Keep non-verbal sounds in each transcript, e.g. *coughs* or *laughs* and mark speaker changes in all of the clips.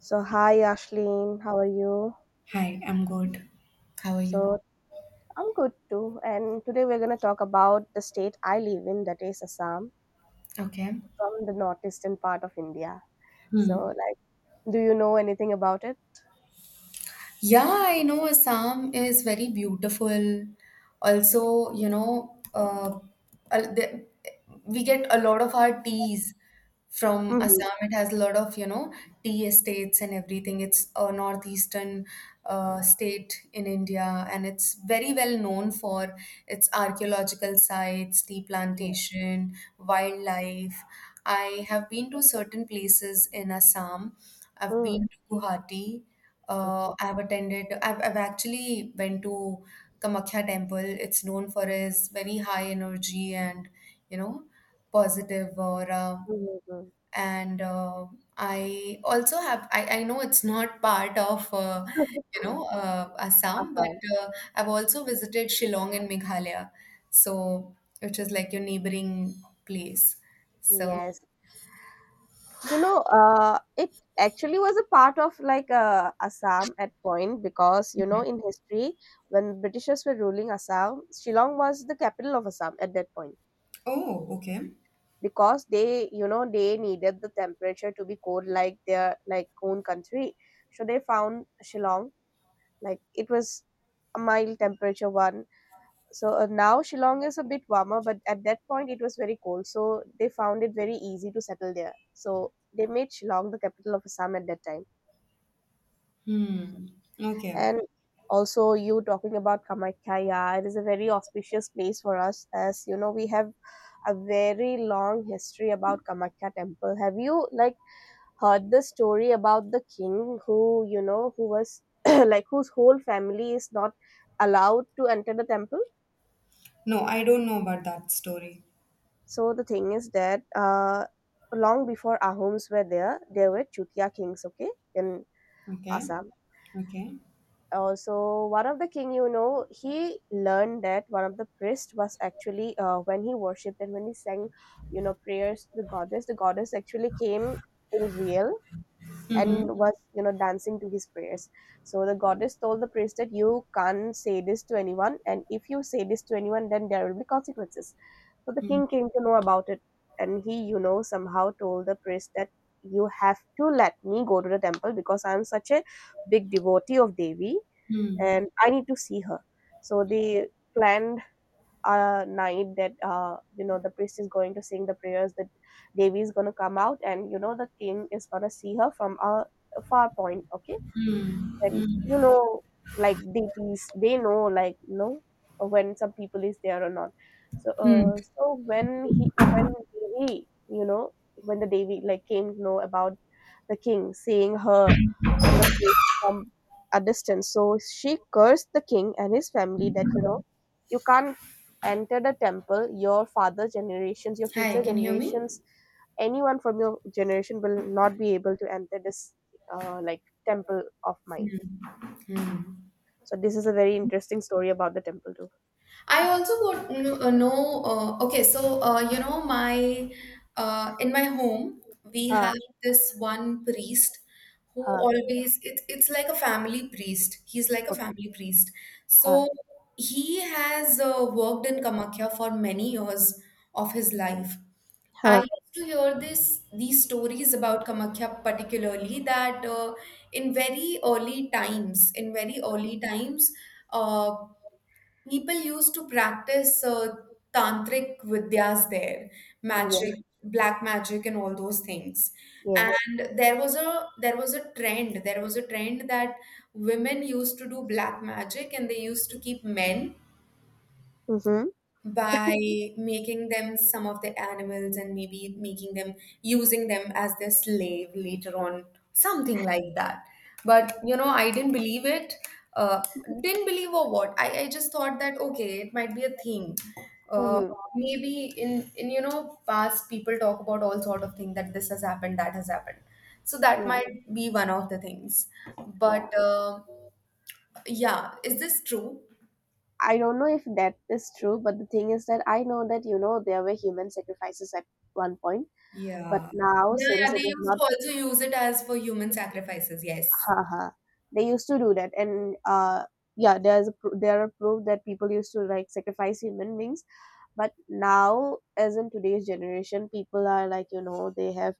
Speaker 1: So, hi Ashleen, how are you?
Speaker 2: Hi, I'm good. How are you?
Speaker 1: So, I'm good too. And today we're going to talk about the state I live in, that is Assam,
Speaker 2: Okay.
Speaker 1: from the northeastern part of India. So,
Speaker 2: Hmm.
Speaker 1: like, do you know anything about it?
Speaker 2: Yeah, I know Assam is very beautiful. Also, al- the- we get a lot of our teas
Speaker 1: Hı
Speaker 2: from
Speaker 1: hı.
Speaker 2: Assam. It has a lot of tea estates and everything. It's a northeastern state in India, and it's very well known for its archaeological sites, tea
Speaker 1: Yeah.
Speaker 2: plantation, wildlife. I have been to certain places in Assam. I've
Speaker 1: Hmm.
Speaker 2: been to Guwahati.
Speaker 1: Okay.
Speaker 2: I've attended. I've actually went to Kamakhya Temple. It's known for its very high energy and you know positive aura.
Speaker 1: Mhm.
Speaker 2: And I also have. I know it's not part of Assam, but
Speaker 1: Assam.
Speaker 2: I've also visited Shillong in Meghalaya, so which is like your neighboring place. So.
Speaker 1: Yes. It actually was a part of Assam at point because in history when Britishers were ruling Assam, Shillong was the capital of Assam at that point.
Speaker 2: Oh, okay.
Speaker 1: Because they they needed the temperature to be cold like their own country, so they found Shillong, like it was a mild temperature one. So now Shillong is a bit warmer, but at that point it was very cold, so they found it very easy to settle there, so they made Shillong the capital of Assam at that time.
Speaker 2: Hmm. Okay.
Speaker 1: And also, you talking about Kamakhya, yeah, it is a very auspicious place for us. As you know, we have a very long history about Kamakya temple. Have you heard the story about the king who, you know, who was *clears throat* like whose whole family is not allowed to enter the temple?
Speaker 2: No, I don't know about that story.
Speaker 1: So the thing is that long before Ahoms were there, there were Chutia kings, okay, in
Speaker 2: Okay.
Speaker 1: Assam.
Speaker 2: Okay.
Speaker 1: Also, one of the king, you know, he learned that one of the priest was actually when he worshipped and when he sang, you know, prayers to the goddess. The goddess actually came in real and
Speaker 2: Mm-hmm.
Speaker 1: was, you know, dancing to his prayers. So the goddess told the priest that you can't say this to anyone, and if you say this to anyone, then there will be consequences. So the king came to know about it, and he, you know, somehow told the priest that you have to let me go to the temple because I'm such a big devotee of Devi,
Speaker 2: Mm-hmm.
Speaker 1: and I need to see her. So they planned a night that you know, the priest is going to sing the prayers, that Devi is going to come out, and you know, the king is going to see her from a far point. Okay, and you know, like deities, they know, like you know, when some people is there or not. So when he when Devi, you know, when the Devi like came to know about the king seeing her and the priest from a distance. So she cursed the king and his family that you know, you can't enter the temple. Your father's generations, your
Speaker 2: Hi,
Speaker 1: future
Speaker 2: can you hear me?
Speaker 1: generations, anyone from your generation will not be able to enter this like temple of mine. So this is a very interesting story about the temple too.
Speaker 2: I also would know. Okay, so you know, my in my home we
Speaker 1: Huh,
Speaker 2: have this one priest who
Speaker 1: huh,
Speaker 2: always, it's like a family priest. He's like a
Speaker 1: okay,
Speaker 2: family priest.
Speaker 1: huh,
Speaker 2: So he has worked in Kamakhya for many years of his life. I
Speaker 1: huh.
Speaker 2: used to hear this these stories about Kamakhya particularly that, in very early times, uh, people used to practice tantric vidyas there,
Speaker 1: Yes,
Speaker 2: magic, black magic, and all those things.
Speaker 1: yes.
Speaker 2: And there was a trend. There was a trend that women used to do black magic, and they used to keep men
Speaker 1: Mm-hmm.
Speaker 2: by making them some of the animals, and maybe making them, using them as their slave later on, something like that. But I didn't believe it. Uh, didn't believe or what? I just thought that okay, it might be a thing. Uh,
Speaker 1: Mm-hmm.
Speaker 2: Maybe in past, people talk about all sort of thing that this has happened, that has happened. So that
Speaker 1: Yeah,
Speaker 2: might be one of the things.
Speaker 1: yeah.
Speaker 2: But yeah, is this true?
Speaker 1: I don't know if that is true, but the thing is that I know that you know, there were human sacrifices at one point. But
Speaker 2: Yeah.
Speaker 1: now,
Speaker 2: Yeah, yeah.
Speaker 1: since
Speaker 2: They
Speaker 1: it is
Speaker 2: used to
Speaker 1: not,
Speaker 2: also use it as for human sacrifices. Yes.
Speaker 1: haha, they used to do that, and yeah, there's a, pr- there are proof that people used to like sacrifice human beings. But now, as in today's generation, people are like, you know, they have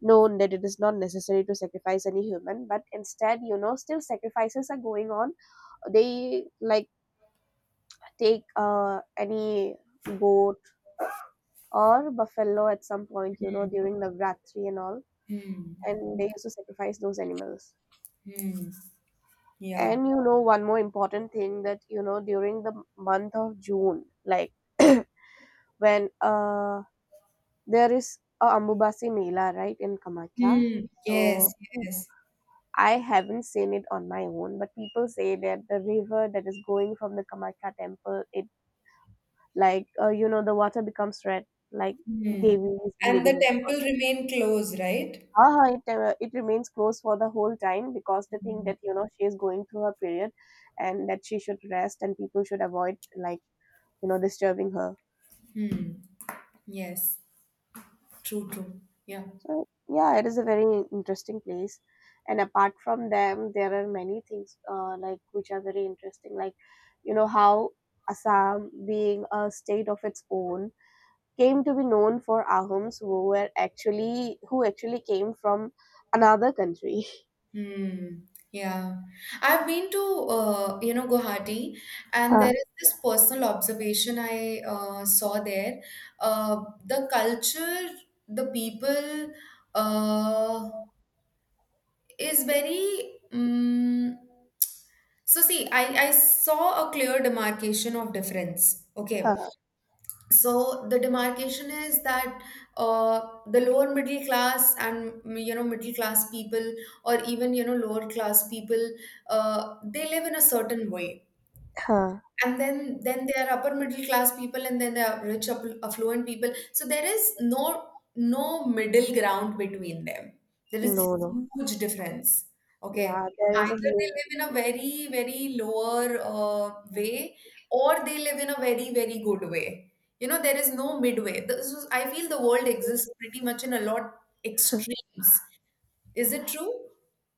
Speaker 1: known that it is not necessary to sacrifice any human, but instead, you know, still sacrifices are going on. They like take any goat or buffalo at some point, you know, during Navratri and all,
Speaker 2: Hmm.
Speaker 1: and they used to sacrifice those animals.
Speaker 2: Hmm. Yeah.
Speaker 1: And you know, one more important thing, that you know, during the month of June, like when there is a Ambubasi Mela right in Kamakya.
Speaker 2: Hmm.
Speaker 1: So
Speaker 2: Yes. Yes.
Speaker 1: I haven't seen it on my own, but people say that the river that is going from the Kamakya temple, it like you know, the water becomes red, like
Speaker 2: Hmm.
Speaker 1: Devi is
Speaker 2: And the
Speaker 1: bleeding.
Speaker 2: temple remained closed, right?
Speaker 1: Ah, it remains closed for the whole time because they think that you know, she is going through her period and that she should rest and people should avoid like you know, disturbing her.
Speaker 2: Hmm. Yes. True. True. Yeah.
Speaker 1: So, yeah, it is a very interesting place. And apart from them, there are many things like which are very interesting, like you know, how Assam, being a state of its own, came to be known for Ahoms, who were actually who actually came from another country. *laughs*
Speaker 2: Hmm. Yeah. I've been to Guwahati, and there
Speaker 1: Huh.
Speaker 2: is this personal observation I saw there. The culture, the people. Uh, is very So see, I saw a clear demarcation of difference, okay?
Speaker 1: Huh.
Speaker 2: So the demarcation is that, uh, the lower middle class and middle class people, or even lower class people, they live in a certain way,
Speaker 1: Huh.
Speaker 2: and then there are upper middle class people, and then there are rich affluent people. So there is no middle ground between them. There is
Speaker 1: No,
Speaker 2: this
Speaker 1: no.
Speaker 2: huge difference, okay?
Speaker 1: Yeah, there is a
Speaker 2: Either they
Speaker 1: huge.
Speaker 2: live in a very very lower way, or they live in a very very good way. You know, there is no midway. This is, I feel the world exists pretty much in a lot extremes. Is it true?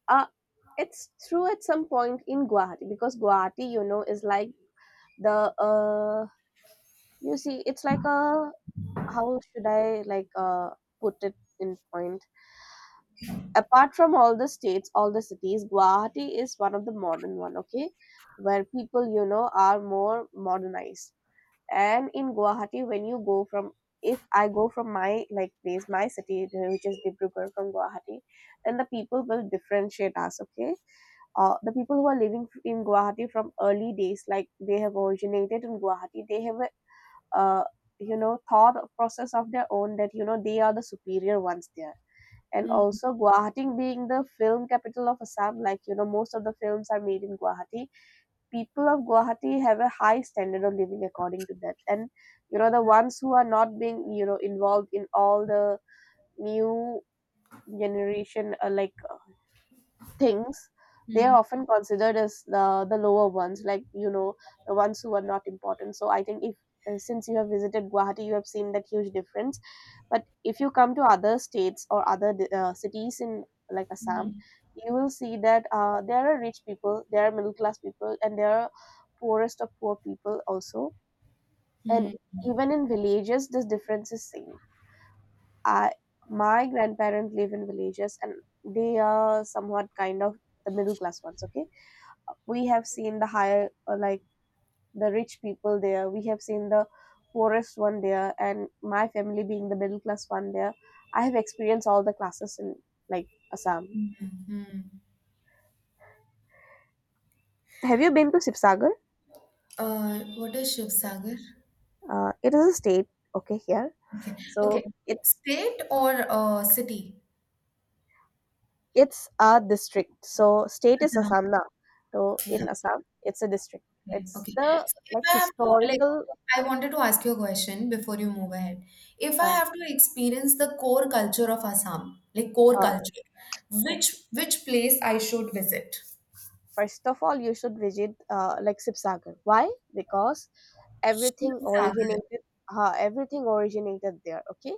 Speaker 1: Uh, it's true at some point in Guwahati because Guwahati, you know, is like the you see, it's like a, how should I put it in point? Apart from all the states, all the cities, Guwahati is one of the modern one, okay? Where people, you know, are more modernized. And in Guwahati, when you go from, if I go from my like place, my city, which is Dibrugarh from Guwahati, then the people will differentiate us, okay? The people who are living in Guwahati from early days, like they have originated in Guwahati, they have a uh, you know, thought process of their own, that you know, they are the superior ones there. And
Speaker 2: Hmm.
Speaker 1: also, Guwahati being the film capital of Assam, like you know, most of the films are made in Guwahati. People of Guwahati have a high standard of living according to that. And you know, the ones who are not being, you know, involved in all the new generation like things, they
Speaker 2: Hmm.
Speaker 1: are often considered as the lower ones, like you know, the ones who are not important. So I think if since you have visited Guwahati, you have seen that huge difference. But if you come to other states or other cities in like Assam, you will see that there are rich people, there are middle class people, and there are poorest of poor people also. And
Speaker 2: Hmm.
Speaker 1: even in villages, this difference is seen. I My grandparents live in villages, and they are somewhat kind of the middle class ones, okay? We have seen the higher like the rich people there, we have seen the poorest one there, and my family being the middle class one there, I have experienced all the classes in like Assam.
Speaker 2: Hmm.
Speaker 1: Have you been to Sipsagar?
Speaker 2: What is Shiv Sagar?
Speaker 1: It is a state, okay, here.
Speaker 2: Okay. Okay.
Speaker 1: So it's
Speaker 2: State or city?
Speaker 1: it's a district. So state is
Speaker 2: Ajah.
Speaker 1: Assam, now. So
Speaker 2: Yeah.
Speaker 1: in Assam, it's a district.
Speaker 2: Okay.
Speaker 1: It's
Speaker 2: Okay.
Speaker 1: the
Speaker 2: So if
Speaker 1: like
Speaker 2: I have to, like,
Speaker 1: historical
Speaker 2: I wanted to ask you a question before you move ahead. If I
Speaker 1: uh,
Speaker 2: have to experience the core culture of Assam, like core
Speaker 1: uh,
Speaker 2: culture, which
Speaker 1: okay,
Speaker 2: which place I should visit?
Speaker 1: first of all you should visit like Sipsagar. Why? Because everything
Speaker 2: Shivsagar.
Speaker 1: originated, ha. Everything originated there. Okay,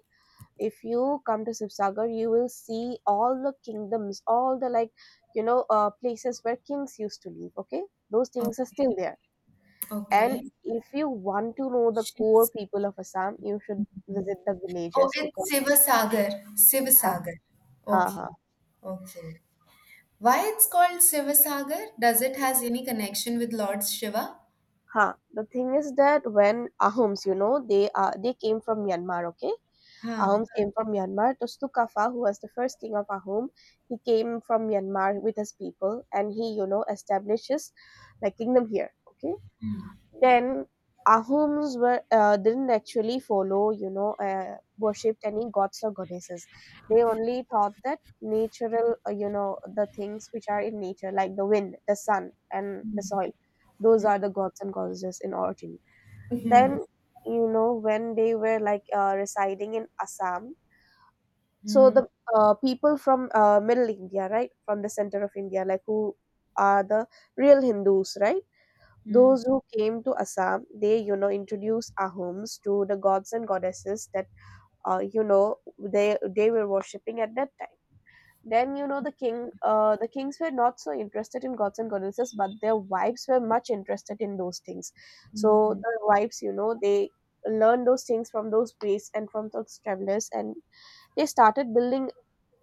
Speaker 1: if you come to Sibsagar, you will see all the kingdoms, all the like, you know, places where kings used to live. Okay, those
Speaker 2: Oh,
Speaker 1: things are still there. And
Speaker 2: okay.
Speaker 1: if you want to know the core
Speaker 2: Shivs-.
Speaker 1: people of Assam, you should visit the
Speaker 2: Oh,
Speaker 1: villages
Speaker 2: it's
Speaker 1: because
Speaker 2: Sivasagar.
Speaker 1: ha
Speaker 2: Sivasagar.
Speaker 1: ha
Speaker 2: Okay.
Speaker 1: ha.
Speaker 2: Okay. Why it's called Sivasagar? Does it has any connection with Lord Shiva?
Speaker 1: Ha. The thing is that when Ahoms, you know, they are they came from Myanmar. Okay, Aum
Speaker 2: हाँ।
Speaker 1: came from Myanmar. Tustukafa, who was the first king of Ahom, he came from Myanmar with his people, and he, you know, establishes like kingdom here. Okay. Then Ahoms were didn't actually follow, you know, worshipped any gods or goddesses. They only thought that natural, you know, the things which are in nature, like the wind, the sun, and the soil, those are the gods and goddesses in origin. Then you know, when they were like residing in Assam, so the people from middle India, right, from the center of India, like, who are the real Hindus, right, those who came to Assam, they, you know, introduced Ahoms to the gods and goddesses that you know, they were worshipping at that time. Then you know, the king, the kings were not so interested in gods and goddesses, but their wives were much interested in those things. So the wives, you know, they learned those things from those priests and from those travelers, and they started building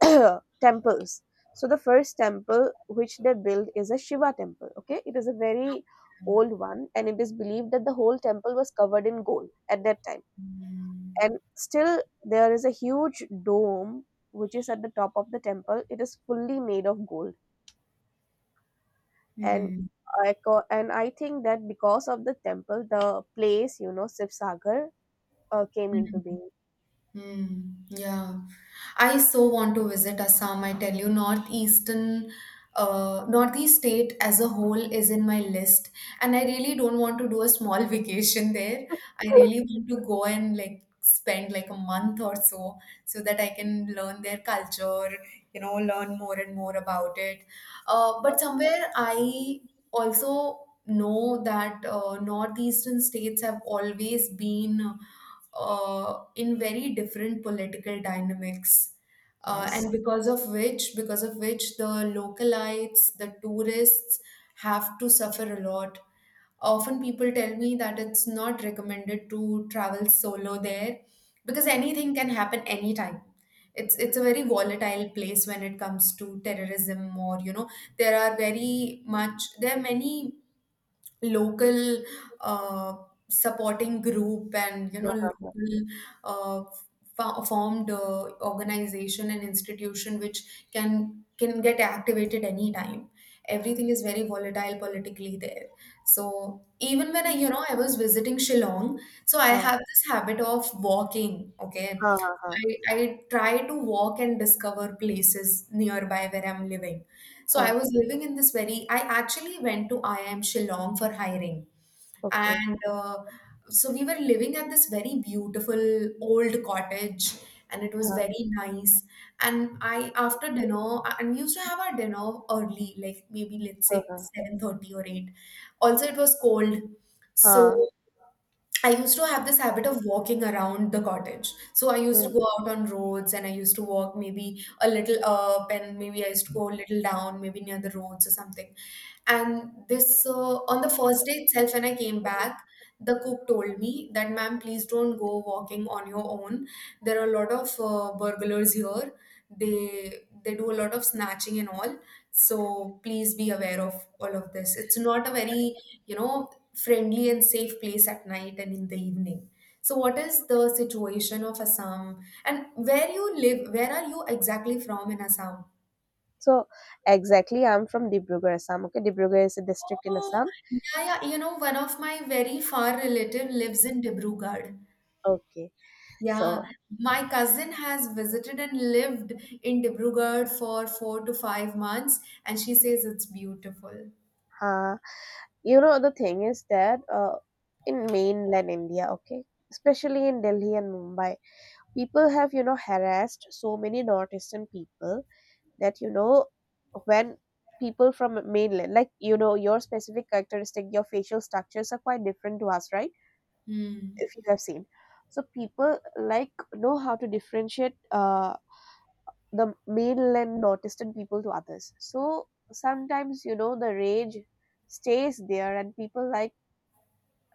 Speaker 1: *clears throat* temples. So the first temple which they built is a Shiva temple, okay. It is a very old one, and it is believed that the whole temple was covered in gold at that time. And still there is a huge dome which is at the top of the temple, it is fully made of gold. And
Speaker 2: hmm,
Speaker 1: and I think that because of the temple, the place, you know, Sivsagar came into
Speaker 2: hmm.
Speaker 1: being.
Speaker 2: Hmm. Yeah. I so want to visit Assam. I tell you, northeastern, northeast state as a whole is in my list, and I really don't want to do a small *laughs* vacation there. I really want to go and like spend like a month or so, so that I can learn their culture, learn more and more about it. But somewhere I also know that northeastern states have always been in very different political dynamics.
Speaker 1: Yes.
Speaker 2: And because of which the localites, the tourists have to suffer a lot. Often people tell me that it's not recommended to travel solo there, because anything can happen anytime. It's a very volatile place when it comes to terrorism, or there are many local uh, supporting group, and
Speaker 1: Ha ha
Speaker 2: local uh, formed organization and institution which can get activated anytime. Everything is very volatile politically there. So even when I you know I was visiting Shillong, so I
Speaker 1: ha
Speaker 2: have this habit of walking, okay.
Speaker 1: ha ha ha.
Speaker 2: I try to walk and discover places nearby where I'm living. So I
Speaker 1: Ha.
Speaker 2: was living in this very, I actually went to IIM Shillong for hiring.
Speaker 1: Okay.
Speaker 2: And so we were living at this very beautiful old cottage, and it was
Speaker 1: Ha
Speaker 2: very nice. And I, after dinner, and we used to have our dinner early, like maybe let's
Speaker 1: ha
Speaker 2: say
Speaker 1: ha.
Speaker 2: 7:30 or 8. Also, it was cold.
Speaker 1: Ha.
Speaker 2: So I used to have this habit of walking around the cottage. So I used to
Speaker 1: Mm.
Speaker 2: go out on roads, and I used to walk maybe a little up, and maybe I used to go a little down, maybe near the roads or something. And on the first day itself, when I came back, the cook told me that, ma'am, please don't go walking on your own. There are a lot of burglars here. They do a lot of snatching and all. So please be aware of all of this. It's not a very, friendly and safe place at night and in the evening. So what is the situation of Assam, and where you live? Where are you exactly from in Assam?
Speaker 1: So exactly, I'm from Dibrugarh, Assam. Okay, Dibrugarh is a district in
Speaker 2: Oh,
Speaker 1: Assam.
Speaker 2: yeah, yeah. One of my very far relative lives in Dibrugarh.
Speaker 1: Okay,
Speaker 2: Yeah,
Speaker 1: so
Speaker 2: my cousin has visited and lived in Dibrugarh for 4 to 5 months, and she says it's beautiful.
Speaker 1: uh, you know, the thing is that in mainland India, okay, especially in Delhi and Mumbai, people have, you know, harassed so many northeastern people, that you know, when people from mainland, like you know, your specific characteristic, your facial structures are quite different to us, right?
Speaker 2: Hmm.
Speaker 1: If you have seen, so people like know how to differentiate the male and autistic people to others, so sometimes, you know, the rage stays there and people like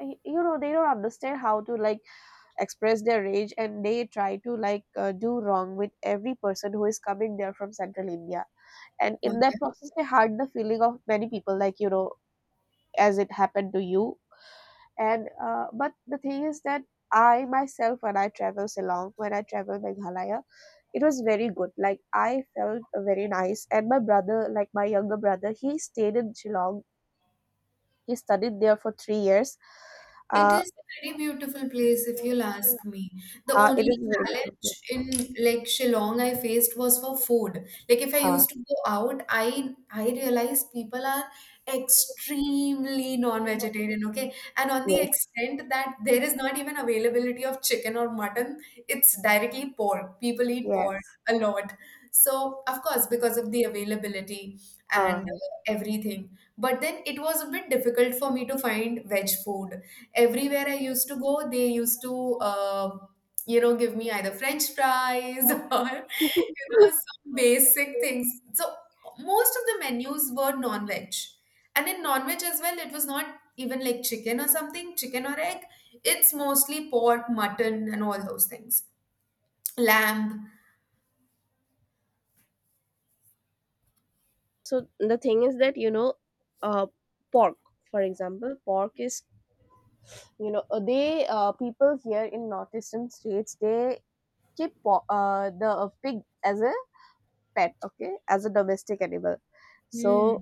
Speaker 1: you know they don't understand how to, like, express their rage, and they try to, like, do wrong with every person who is coming there from central India. And in that process they hurt the feeling of many people, like, you know, as it happened to you. And but the thing is that I myself, when I travel Ceylon, when I travel Meghalaya, it was very good, like I felt very nice. And my brother, like my younger brother, he stayed in Ceylon. He studied there for 3 years.
Speaker 2: It
Speaker 1: uh,
Speaker 2: is a pretty beautiful place if you'll ask me. The
Speaker 1: it
Speaker 2: only
Speaker 1: is a very beautiful
Speaker 2: challenge
Speaker 1: place.
Speaker 2: in like Shillong I faced was for food. Like, if I
Speaker 1: Huh.
Speaker 2: used to go out, I realized people are extremely non-vegetarian, okay? And on the
Speaker 1: Yes.
Speaker 2: extent that there is not even availability of chicken or mutton, it's directly pork. People eat pork
Speaker 1: Yes.
Speaker 2: a lot. So, of course, because of the availability and
Speaker 1: Huh.
Speaker 2: everything. But then it was a bit difficult for me to find veg food. Everywhere I used to go, they used to, give me either French fries *laughs* or, some basic things. So most of the menus were non-veg. And in non-veg as well, it was not even like chicken or something, chicken or egg. It's mostly pork, mutton, and all those things. Lamb.
Speaker 1: So the thing is that, you know, uh, pork, for example, pork is, you know, they people here in northeastern states, they keep the pig as a pet, okay, as a domestic animal,
Speaker 2: Hmm.
Speaker 1: so.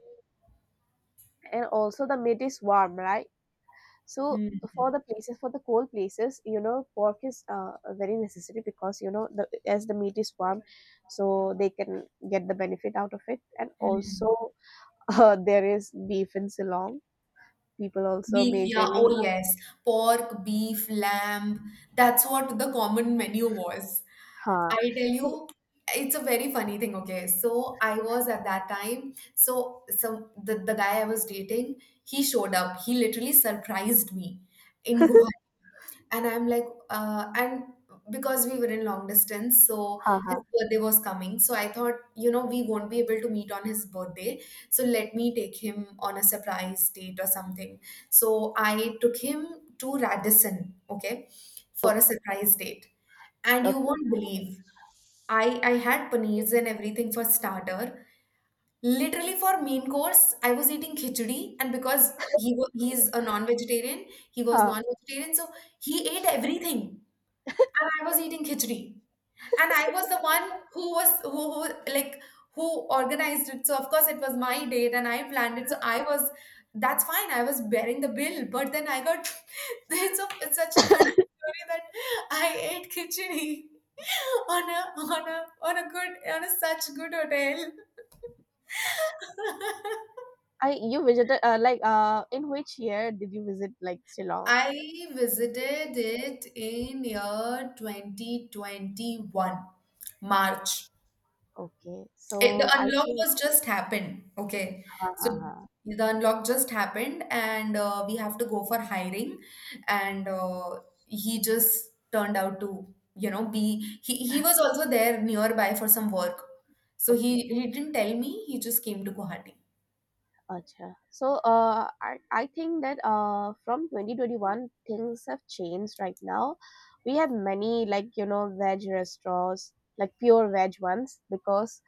Speaker 1: And also the meat is warm, right? So for the places, for the cold places, you know, pork is very necessary, because, you know, as the meat is warm, so they can get the benefit out of it. And also, *laughs* there is beef in Ceylon, people also
Speaker 2: Beef, yeah,
Speaker 1: majorly.
Speaker 2: oh yes. Pork, beef, lamb. That's what the common menu was. I
Speaker 1: Ha
Speaker 2: tell you, it's a very funny thing, okay? So I was at that time, so the guy I was dating, he showed up. He literally surprised me in Guwahati, and I'm like, and because we were in long distance, so
Speaker 1: ha ha.
Speaker 2: his birthday was coming. So I thought, we won't be able to meet on his birthday. So let me take him on a surprise date or something. So I took him to Radisson, okay, for a surprise date. And you
Speaker 1: Okay.
Speaker 2: won't believe, I had paneers and everything for starter. Literally for main course, I was eating khichdi, and because he was, he's a non-vegetarian, he was
Speaker 1: Ha.
Speaker 2: non-vegetarian, so he ate everything, and I was eating khichdi. And I was the one who was who like who organized it. So of course it was my date, and I planned it. So I was That's fine. I was bearing the bill, but then I got *laughs* it's such a funny story that I ate khichdi *laughs* on a on a on a good on a such good hotel. *laughs*
Speaker 1: I You visited, like, in which year did you visit, like, Ceylon?
Speaker 2: I visited it in year 2021, March.
Speaker 1: Okay,
Speaker 2: The
Speaker 1: so I
Speaker 2: unlock
Speaker 1: think.
Speaker 2: was just happened. Okay.
Speaker 1: Ha
Speaker 2: So
Speaker 1: ha ha.
Speaker 2: the unlock just happened, and we have to go for hiring. And he just turned out to, be, he was also there nearby for some work. So
Speaker 1: Okay.
Speaker 2: he didn't tell me, he just came to Guwahati.
Speaker 1: Acha. So, I think that from 2021, things have changed right now. We have many, like, you know, veg restaurants, like pure veg ones, because,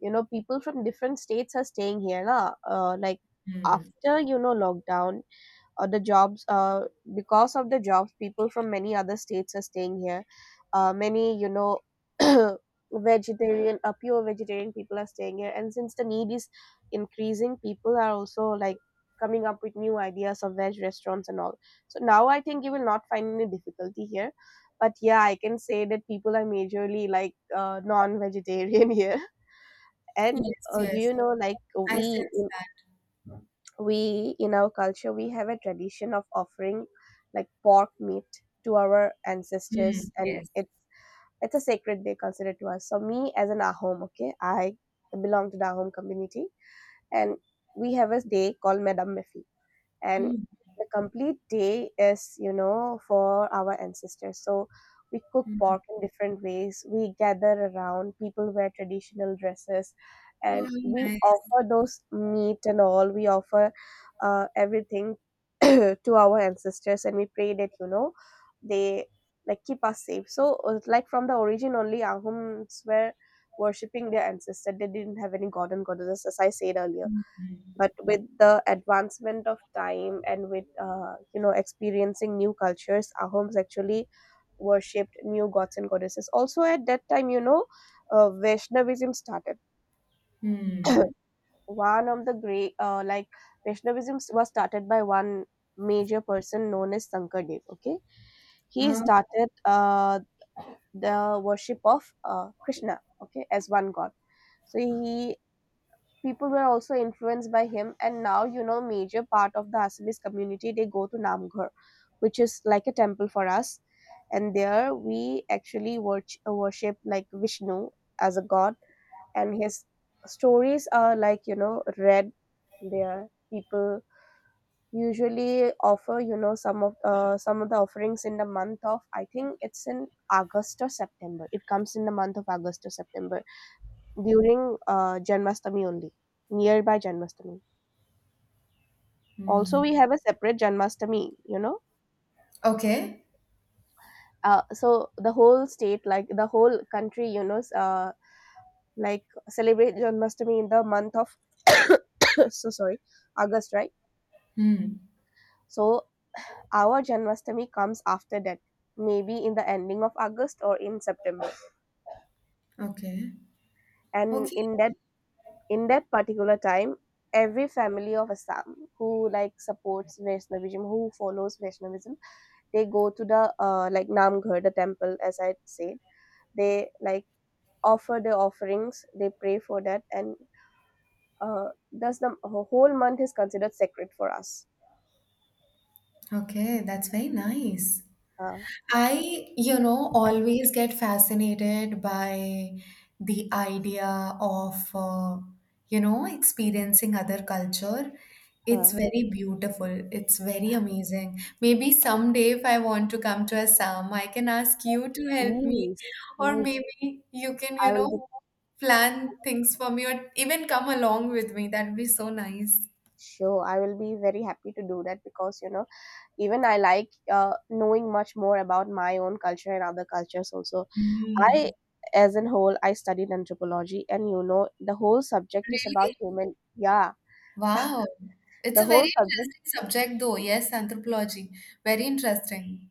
Speaker 1: you know, people from different states are staying here. Na? Like,
Speaker 2: Hmm.
Speaker 1: after, you know, lockdown, the jobs, because of the jobs people from many other states are staying here. Many, you know, *coughs* *clears throat* vegetarian, pure vegetarian people are staying here, and since the need is increasing, people are also, like, coming up with new ideas of veg restaurants and all. So now I think you will not find any difficulty here, but yeah, I can say that people are majorly, like, non-vegetarian *laughs* here. And
Speaker 2: Yes,
Speaker 1: do
Speaker 2: yes.
Speaker 1: you know, like,
Speaker 2: I
Speaker 1: we
Speaker 2: sense that.
Speaker 1: we in our culture we have a tradition of offering, like, pork meat to our
Speaker 2: Hmm.
Speaker 1: ancestors, and
Speaker 2: Yes.
Speaker 1: it's a sacred day considered to us. So me as an Ahom, okay, I belong to the Ahom community, and we have a day called Madam Miffy. And
Speaker 2: Hmm.
Speaker 1: the complete day is, you know, for our ancestors. So we cook
Speaker 2: Hmm.
Speaker 1: pork in different ways, we gather around, people wear traditional dresses, and
Speaker 2: Wow,
Speaker 1: we
Speaker 2: nice.
Speaker 1: offer those meat and all. We offer everything *clears throat* to our ancestors, and we pray that, you know, they, like, keep us safe. So like, from the origin only, Ahoms were worshipping their ancestor, they didn't have any god and goddesses, as I said earlier. But with the advancement of time and with, you know, experiencing new cultures, Ahoms actually worshipped new gods and goddesses also at that time. You know, Vaishnavism started.
Speaker 2: Hmm.
Speaker 1: *coughs* *clears throat* One of the great, like, was started by one major person known as Sankardev, okay. He
Speaker 2: Oh,
Speaker 1: started the worship of, Krishna, okay, as one god. So he people were also influenced by him, and now, you know, major part of the Assamese community, they go to Namghar, which is like a temple for us. And there we actually worship, like, Vishnu as a god, and his stories are, like, you know, read there. People usually offer, you know, some of the offerings in the month of, I think it's in August or September. It comes in the month of August or September, during, Janmashtami only, nearby Janmashtami. Also,
Speaker 2: hmm.
Speaker 1: we have a separate Janmashtami, you know.
Speaker 2: Okay.
Speaker 1: So the whole state, like the whole country, you know, like, celebrate Janmashtami in the month of *coughs* so sorry, August, right?
Speaker 2: Hmm.
Speaker 1: So our Janmashtami comes after that, maybe in the ending of August or in September.
Speaker 2: Okay.
Speaker 1: And
Speaker 2: Okay.
Speaker 1: in that particular time, every family of Assam who, like, supports Vaishnavism, who follows Vaishnavism, they go to the, like, Namghar, the temple, as I said. They, like, offer their offerings, they pray for that, and thus the whole month is considered sacred for us.
Speaker 2: Okay. That's very nice.
Speaker 1: Uh,
Speaker 2: I always get fascinated by the idea of, experiencing other culture. It's
Speaker 1: uh,
Speaker 2: very beautiful. It's very amazing. Maybe someday, if I want to come to Assam, I can ask you to help me,
Speaker 1: Please,
Speaker 2: or
Speaker 1: please,
Speaker 2: maybe you can, you
Speaker 1: I will
Speaker 2: know,
Speaker 1: be
Speaker 2: plan things for me, or even come along with me. That'd be so nice.
Speaker 1: sure. I will be very happy to do that, because, you know, even I, like, knowing much more about my own culture and other cultures also. I,
Speaker 2: Mm.
Speaker 1: as in whole, I studied anthropology, and, you know, the whole subject is about
Speaker 2: Really?
Speaker 1: human. Yeah.
Speaker 2: Wow. It's
Speaker 1: The
Speaker 2: a very
Speaker 1: whole subject,
Speaker 2: interesting subject, though. Yes, anthropology. Very interesting.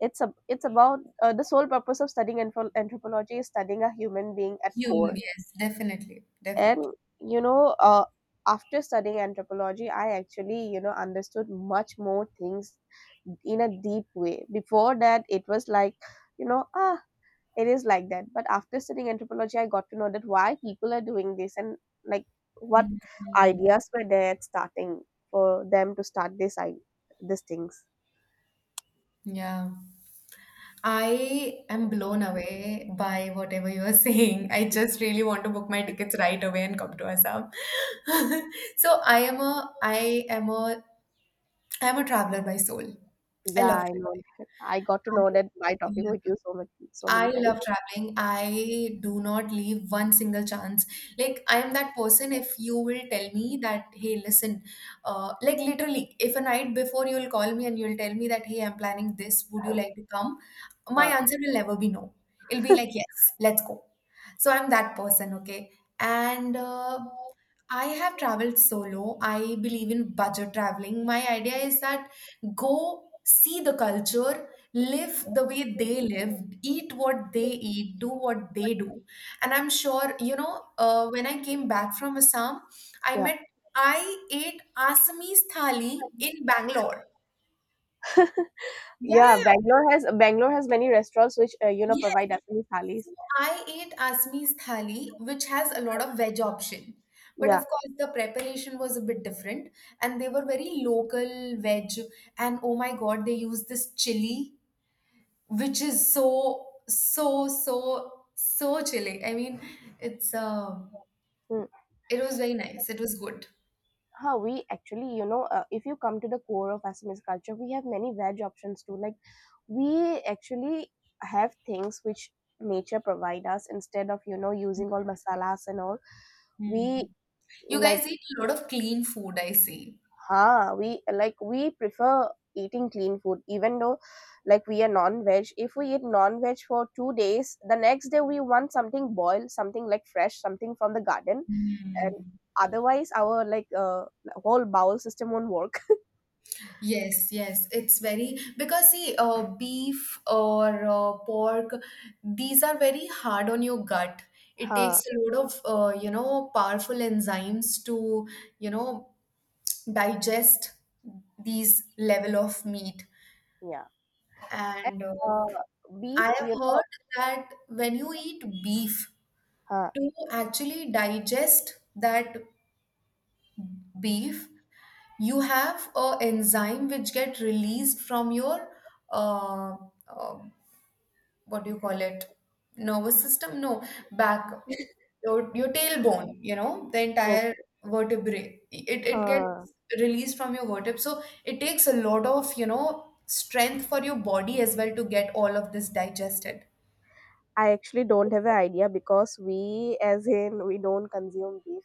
Speaker 1: it's about, the sole purpose of studying anthropology is studying a human being at
Speaker 2: Human,
Speaker 1: core.
Speaker 2: yes, definitely.
Speaker 1: And,
Speaker 2: Definitely.
Speaker 1: you know, after studying anthropology, I actually, you know, understood much more things in a deep way. Before that it was like, you know, ah, it is like that. But after studying anthropology, I got to know that why people are doing this, and, like, what
Speaker 2: Mhm.
Speaker 1: ideas were there at starting for them to start this I these things.
Speaker 2: Yeah. I am blown away by whatever you are *laughs* saying. I just really want to book my tickets right away and come to Assam. *laughs* So I am a traveler by soul. I
Speaker 1: Yeah,
Speaker 2: love
Speaker 1: I
Speaker 2: traveling.
Speaker 1: know that. I got to
Speaker 2: I-
Speaker 1: know that by talking
Speaker 2: yeah.
Speaker 1: with you so much, so
Speaker 2: I
Speaker 1: many times.
Speaker 2: love traveling. I do not leave one single chance. Like, I am that person, if you will tell me that, hey, listen, like literally, if a night before you'll call me and you'll tell me that, hey, I'm planning this, would you like to come? My
Speaker 1: Huh.
Speaker 2: answer will never be no. It'll be like, yes, let's go. So I'm that person, okay? And I have traveled solo. I believe in budget traveling. My idea is that go see the culture, live the way they live, eat what they eat, do what they do. And I'm sure, when I came back from Assam, I
Speaker 1: Yeah,
Speaker 2: met, I ate Assamese thali in Bangalore. Yeah,
Speaker 1: yeah.
Speaker 2: yeah,
Speaker 1: Bangalore has many restaurants which, you know,
Speaker 2: yeah.
Speaker 1: provide Assamese
Speaker 2: So
Speaker 1: thalis.
Speaker 2: I ate Asmi's thali, which has a lot of veg option. But of
Speaker 1: Yeah.
Speaker 2: course, the preparation was a bit different, and they were very local veg. And oh my God, they used this chili, which is so, so, so, so chili. I mean, it's uh,
Speaker 1: Hmm.
Speaker 2: it was very nice. It was good.
Speaker 1: Huh, we actually, you know, if you come to the core of Assamese culture, we have many veg options too. Like, we actually have things which nature provide us, instead of, you know, using all masalas and all. We
Speaker 2: Hmm. You
Speaker 1: like
Speaker 2: guys eat a lot of clean food, I see.
Speaker 1: ah we like we prefer eating clean food, even though, like, we are non-veg. If we eat non-veg for 2 days, the next day we want something boiled, something like fresh, something from the garden.
Speaker 2: Hmm.
Speaker 1: And otherwise our, like, whole bowel system won't work.
Speaker 2: Yes, yes, it's very, because see, beef or pork, these are very hard on your gut.
Speaker 1: *laughs*
Speaker 2: It takes
Speaker 1: Huh.
Speaker 2: a lot of powerful enzymes to you know digest these level of meat.
Speaker 1: Yeah.
Speaker 2: And
Speaker 1: uh,
Speaker 2: I
Speaker 1: Beef,
Speaker 2: have
Speaker 1: you know.
Speaker 2: heard that when you eat beef,
Speaker 1: Huh.
Speaker 2: to actually digest that beef, you have a enzyme which get released from your uh, uh, what do you call it, nervous system, no, back, your tailbone, you know, the
Speaker 1: Oh.
Speaker 2: entire vertebrae, it gets
Speaker 1: Huh.
Speaker 2: released from your vertebrae, so it takes a lot of strength for your body as well to get all of this digested.
Speaker 1: I actually don't have an idea, because we, as in, we don't consume beef.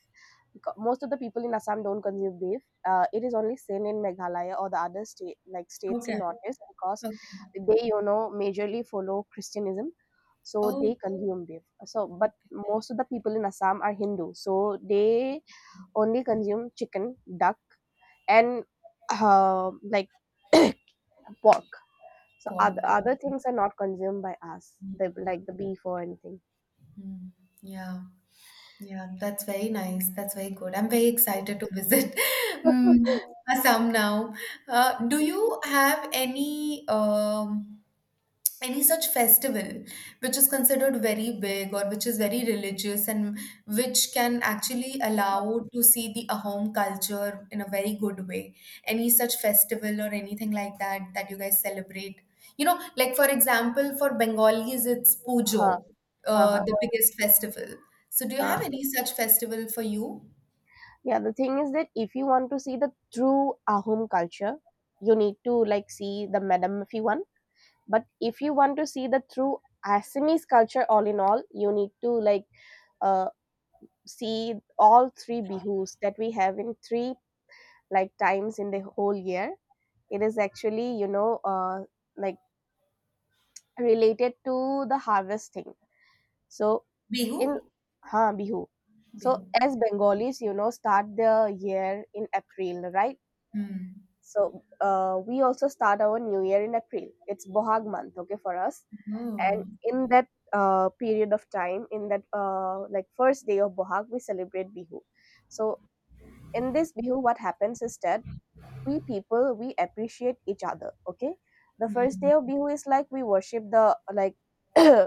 Speaker 1: Most of the people in Assam don't consume beef. It is only seen in Meghalaya or the other state like states in
Speaker 2: Okay.
Speaker 1: Northeast, because
Speaker 2: Okay.
Speaker 1: they, you know, majorly follow Christianism, so
Speaker 2: Oh,
Speaker 1: they consume beef. So but most of the people in Assam are Hindu, so they only consume chicken, duck, and, like, *coughs* *clears throat* pork. So
Speaker 2: pork.
Speaker 1: other things are not consumed by us, like the beef or anything.
Speaker 2: Mm, yeah, yeah, that's very nice, that's very good. I'm very excited to visit *laughs* mm, Assam now. Do you have any such festival which is considered very big, or which is very religious, and which can actually allow to see the Ahom culture in a very good way? Any such festival or anything like that that you guys celebrate. Like for example, for Bengalis, it's
Speaker 1: Huh,
Speaker 2: Pujo,
Speaker 1: huh,
Speaker 2: the
Speaker 1: huh.
Speaker 2: biggest festival. So, do you have
Speaker 1: Uh,
Speaker 2: any such festival for you?
Speaker 1: Yeah, the thing is that if you want to see the true Ahom culture, you need to, like, see the Madamafi one. But if you want to see the true Assamese culture, all in all, you need to, like, uh, see all three bihus that we have in three, like, times in the whole year. It is actually, you know, like, related to the harvesting. So in,
Speaker 2: Bihu?
Speaker 1: ha, Bihu. So
Speaker 2: Bihu.
Speaker 1: as Bengalis, you know, start the year in April, right?
Speaker 2: Hmm.
Speaker 1: So we also start our new year in April. It's Bohag month, okay, for us. And
Speaker 2: Oh.
Speaker 1: in that, period of time, in that, like, first day of Bohag, we celebrate Bihu. So in this Bihu, what happens is that we appreciate each other. Okay, the
Speaker 2: Hmm.
Speaker 1: first day of Bihu is, like, we worship, the, like, *coughs* *clears throat*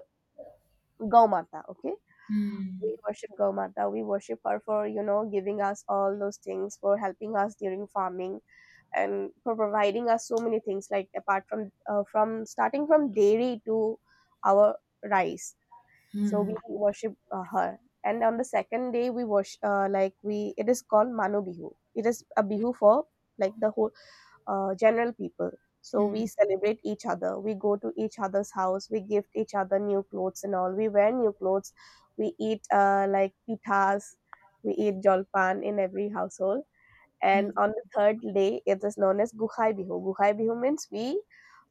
Speaker 1: Gaumata. Okay,
Speaker 2: Hmm.
Speaker 1: we worship Gaumata. We worship her for, you know, giving us all those things, for helping us during farming, and for providing us so many things, like, apart from, from, starting from dairy to our rice. So
Speaker 2: Hmm.
Speaker 1: we worship, her. And on the second day, we worship, like, we it is called Mano Bihu. It is a bihu for, like, the whole, general people. So
Speaker 2: Hmm.
Speaker 1: we celebrate each other, we go to each other's house, we gift each other new clothes and all, we wear new clothes, we eat, like, pitas, we eat jolpan in every household.
Speaker 2: Hmm.
Speaker 1: And on the third day, it is known as Guhai Bihu. Guhai Bihu means we,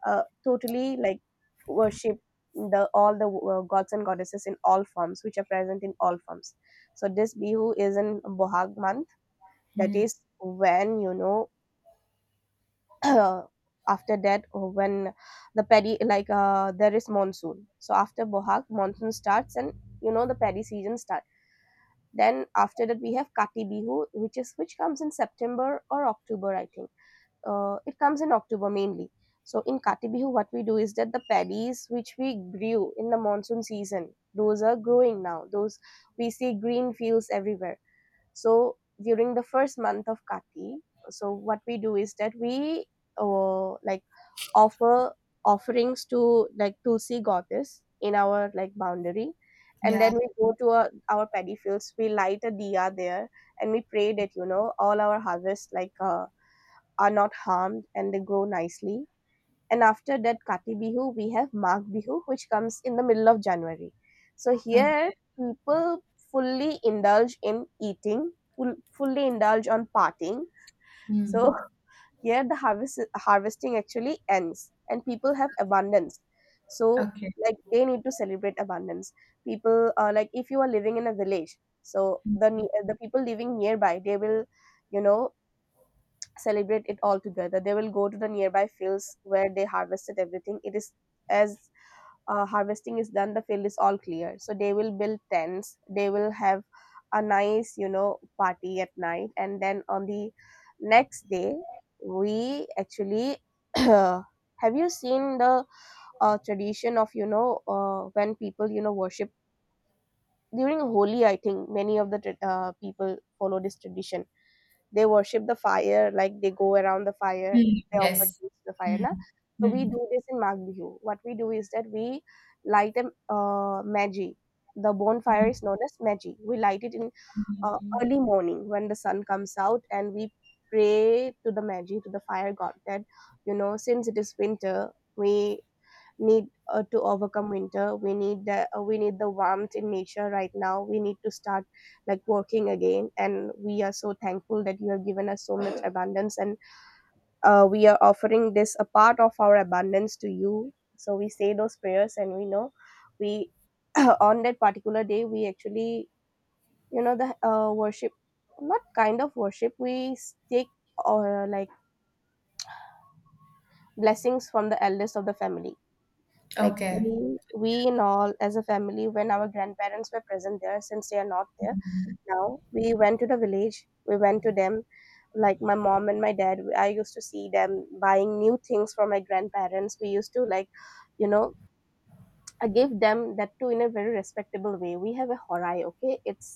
Speaker 1: totally, like, worship, the all the, gods and goddesses in all forms, which are present in all forms. So this Bihu is in Bohag month. That
Speaker 2: Hmm.
Speaker 1: is when, you know, *clears throat* after that, when the paddy, like, there is monsoon, so after Bohag, monsoon starts, and, you know, the paddy season starts. Then after that we have Kati Bihu, which is which comes in September or October, I think. It comes in October mainly. So in Kati Bihu, what we do is that the paddies which we grew in the monsoon season, those are growing now. Those We see green fields everywhere. So during the first month of Kati, so what we do is that we, like, offer offerings to, like, Tulsi goddess in our, like, boundary, and
Speaker 2: Yeah.
Speaker 1: then we go to our paddy fields. We light a diya there, and we pray that, you know, all our harvest, like, are not harmed and they grow nicely. And after that Kati Bihu, we have Magh Bihu, which comes in the middle of January. So here
Speaker 2: Okay.
Speaker 1: people fully indulge in eating, fully indulge on partying. So
Speaker 2: Mm.
Speaker 1: *laughs* here the harvesting actually ends, and people have abundance. So,
Speaker 2: Okay.
Speaker 1: like, they need to celebrate abundance. People, like, if you are living in a village, so the the people living nearby, they will, you know, celebrate it all together. They will go to the nearby fields where they harvested everything. It is, as harvesting is done, the field is all clear. So they will build tents. They will have a nice, you know, party at night. And then on the next day, we actually *clears throat* have, you seen the, tradition of, you know, when people, you know, worship during Holi? I think many of the, people follow this tradition. They worship the fire, like, they go around the fire,
Speaker 2: Mm.
Speaker 1: they offer
Speaker 2: Yes.
Speaker 1: things to the fire.
Speaker 2: Mm.
Speaker 1: Na? So we
Speaker 2: Mm.
Speaker 1: do this in Magh Bihu. What we do is that we light a, Meji. The bonfire is known as Meji. We light it in,
Speaker 2: Mm.
Speaker 1: early morning, when the sun comes out, and we pray to the Meji, to the fire god that, you know, since it is winter, we need, to overcome winter, we need the warmth in nature, right now we need to start, like, working again, and we are so thankful that you have given us so much *clears throat* abundance, and, we are offering this, a part of our abundance to you. So we say those prayers, and we know we *clears throat* on that particular day we actually, you know, the worship, not kind of worship, we take, or, like, blessings from the eldest of the family. Like,
Speaker 2: Okay.
Speaker 1: we in all, as a family, when our grandparents were present there, since they are not there now, we went to the village, we went to them, like my mom and my dad. I used to see them buying new things for my grandparents. We used to, like, you know, I give them that too in a very respectable way. We have a horai, okay, it's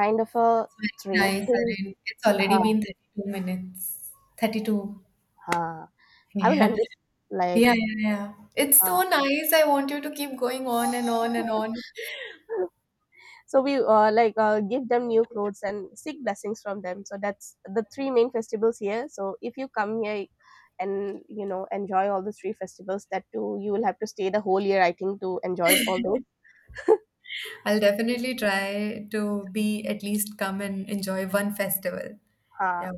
Speaker 1: kind of a
Speaker 2: It's
Speaker 1: three
Speaker 2: very nice,
Speaker 1: thing.
Speaker 2: Arun. It's already
Speaker 1: Ha,
Speaker 2: been 32 minutes. 32.
Speaker 1: ha. I will end
Speaker 2: *laughs*
Speaker 1: this, like,
Speaker 2: Yeah. Yeah, yeah, yeah. It's
Speaker 1: ha.
Speaker 2: so nice. I want you to keep going on and on and on. *laughs*
Speaker 1: *laughs* So we, like, give them new clothes and seek blessings from them. So that's the three main festivals here. So if you come here and, you know, enjoy all the three festivals, that too, you will have to stay the whole year, I think, to enjoy all those.
Speaker 2: I'll definitely try to be at least come and enjoy one festival.
Speaker 1: uh,
Speaker 2: Yeah.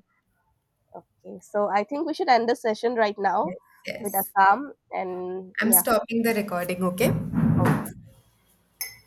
Speaker 1: okay, so I think we should end the session right now
Speaker 2: Yes,
Speaker 1: with
Speaker 2: yes.
Speaker 1: Assam, and
Speaker 2: I'm
Speaker 1: yeah.
Speaker 2: stopping the recording, okay?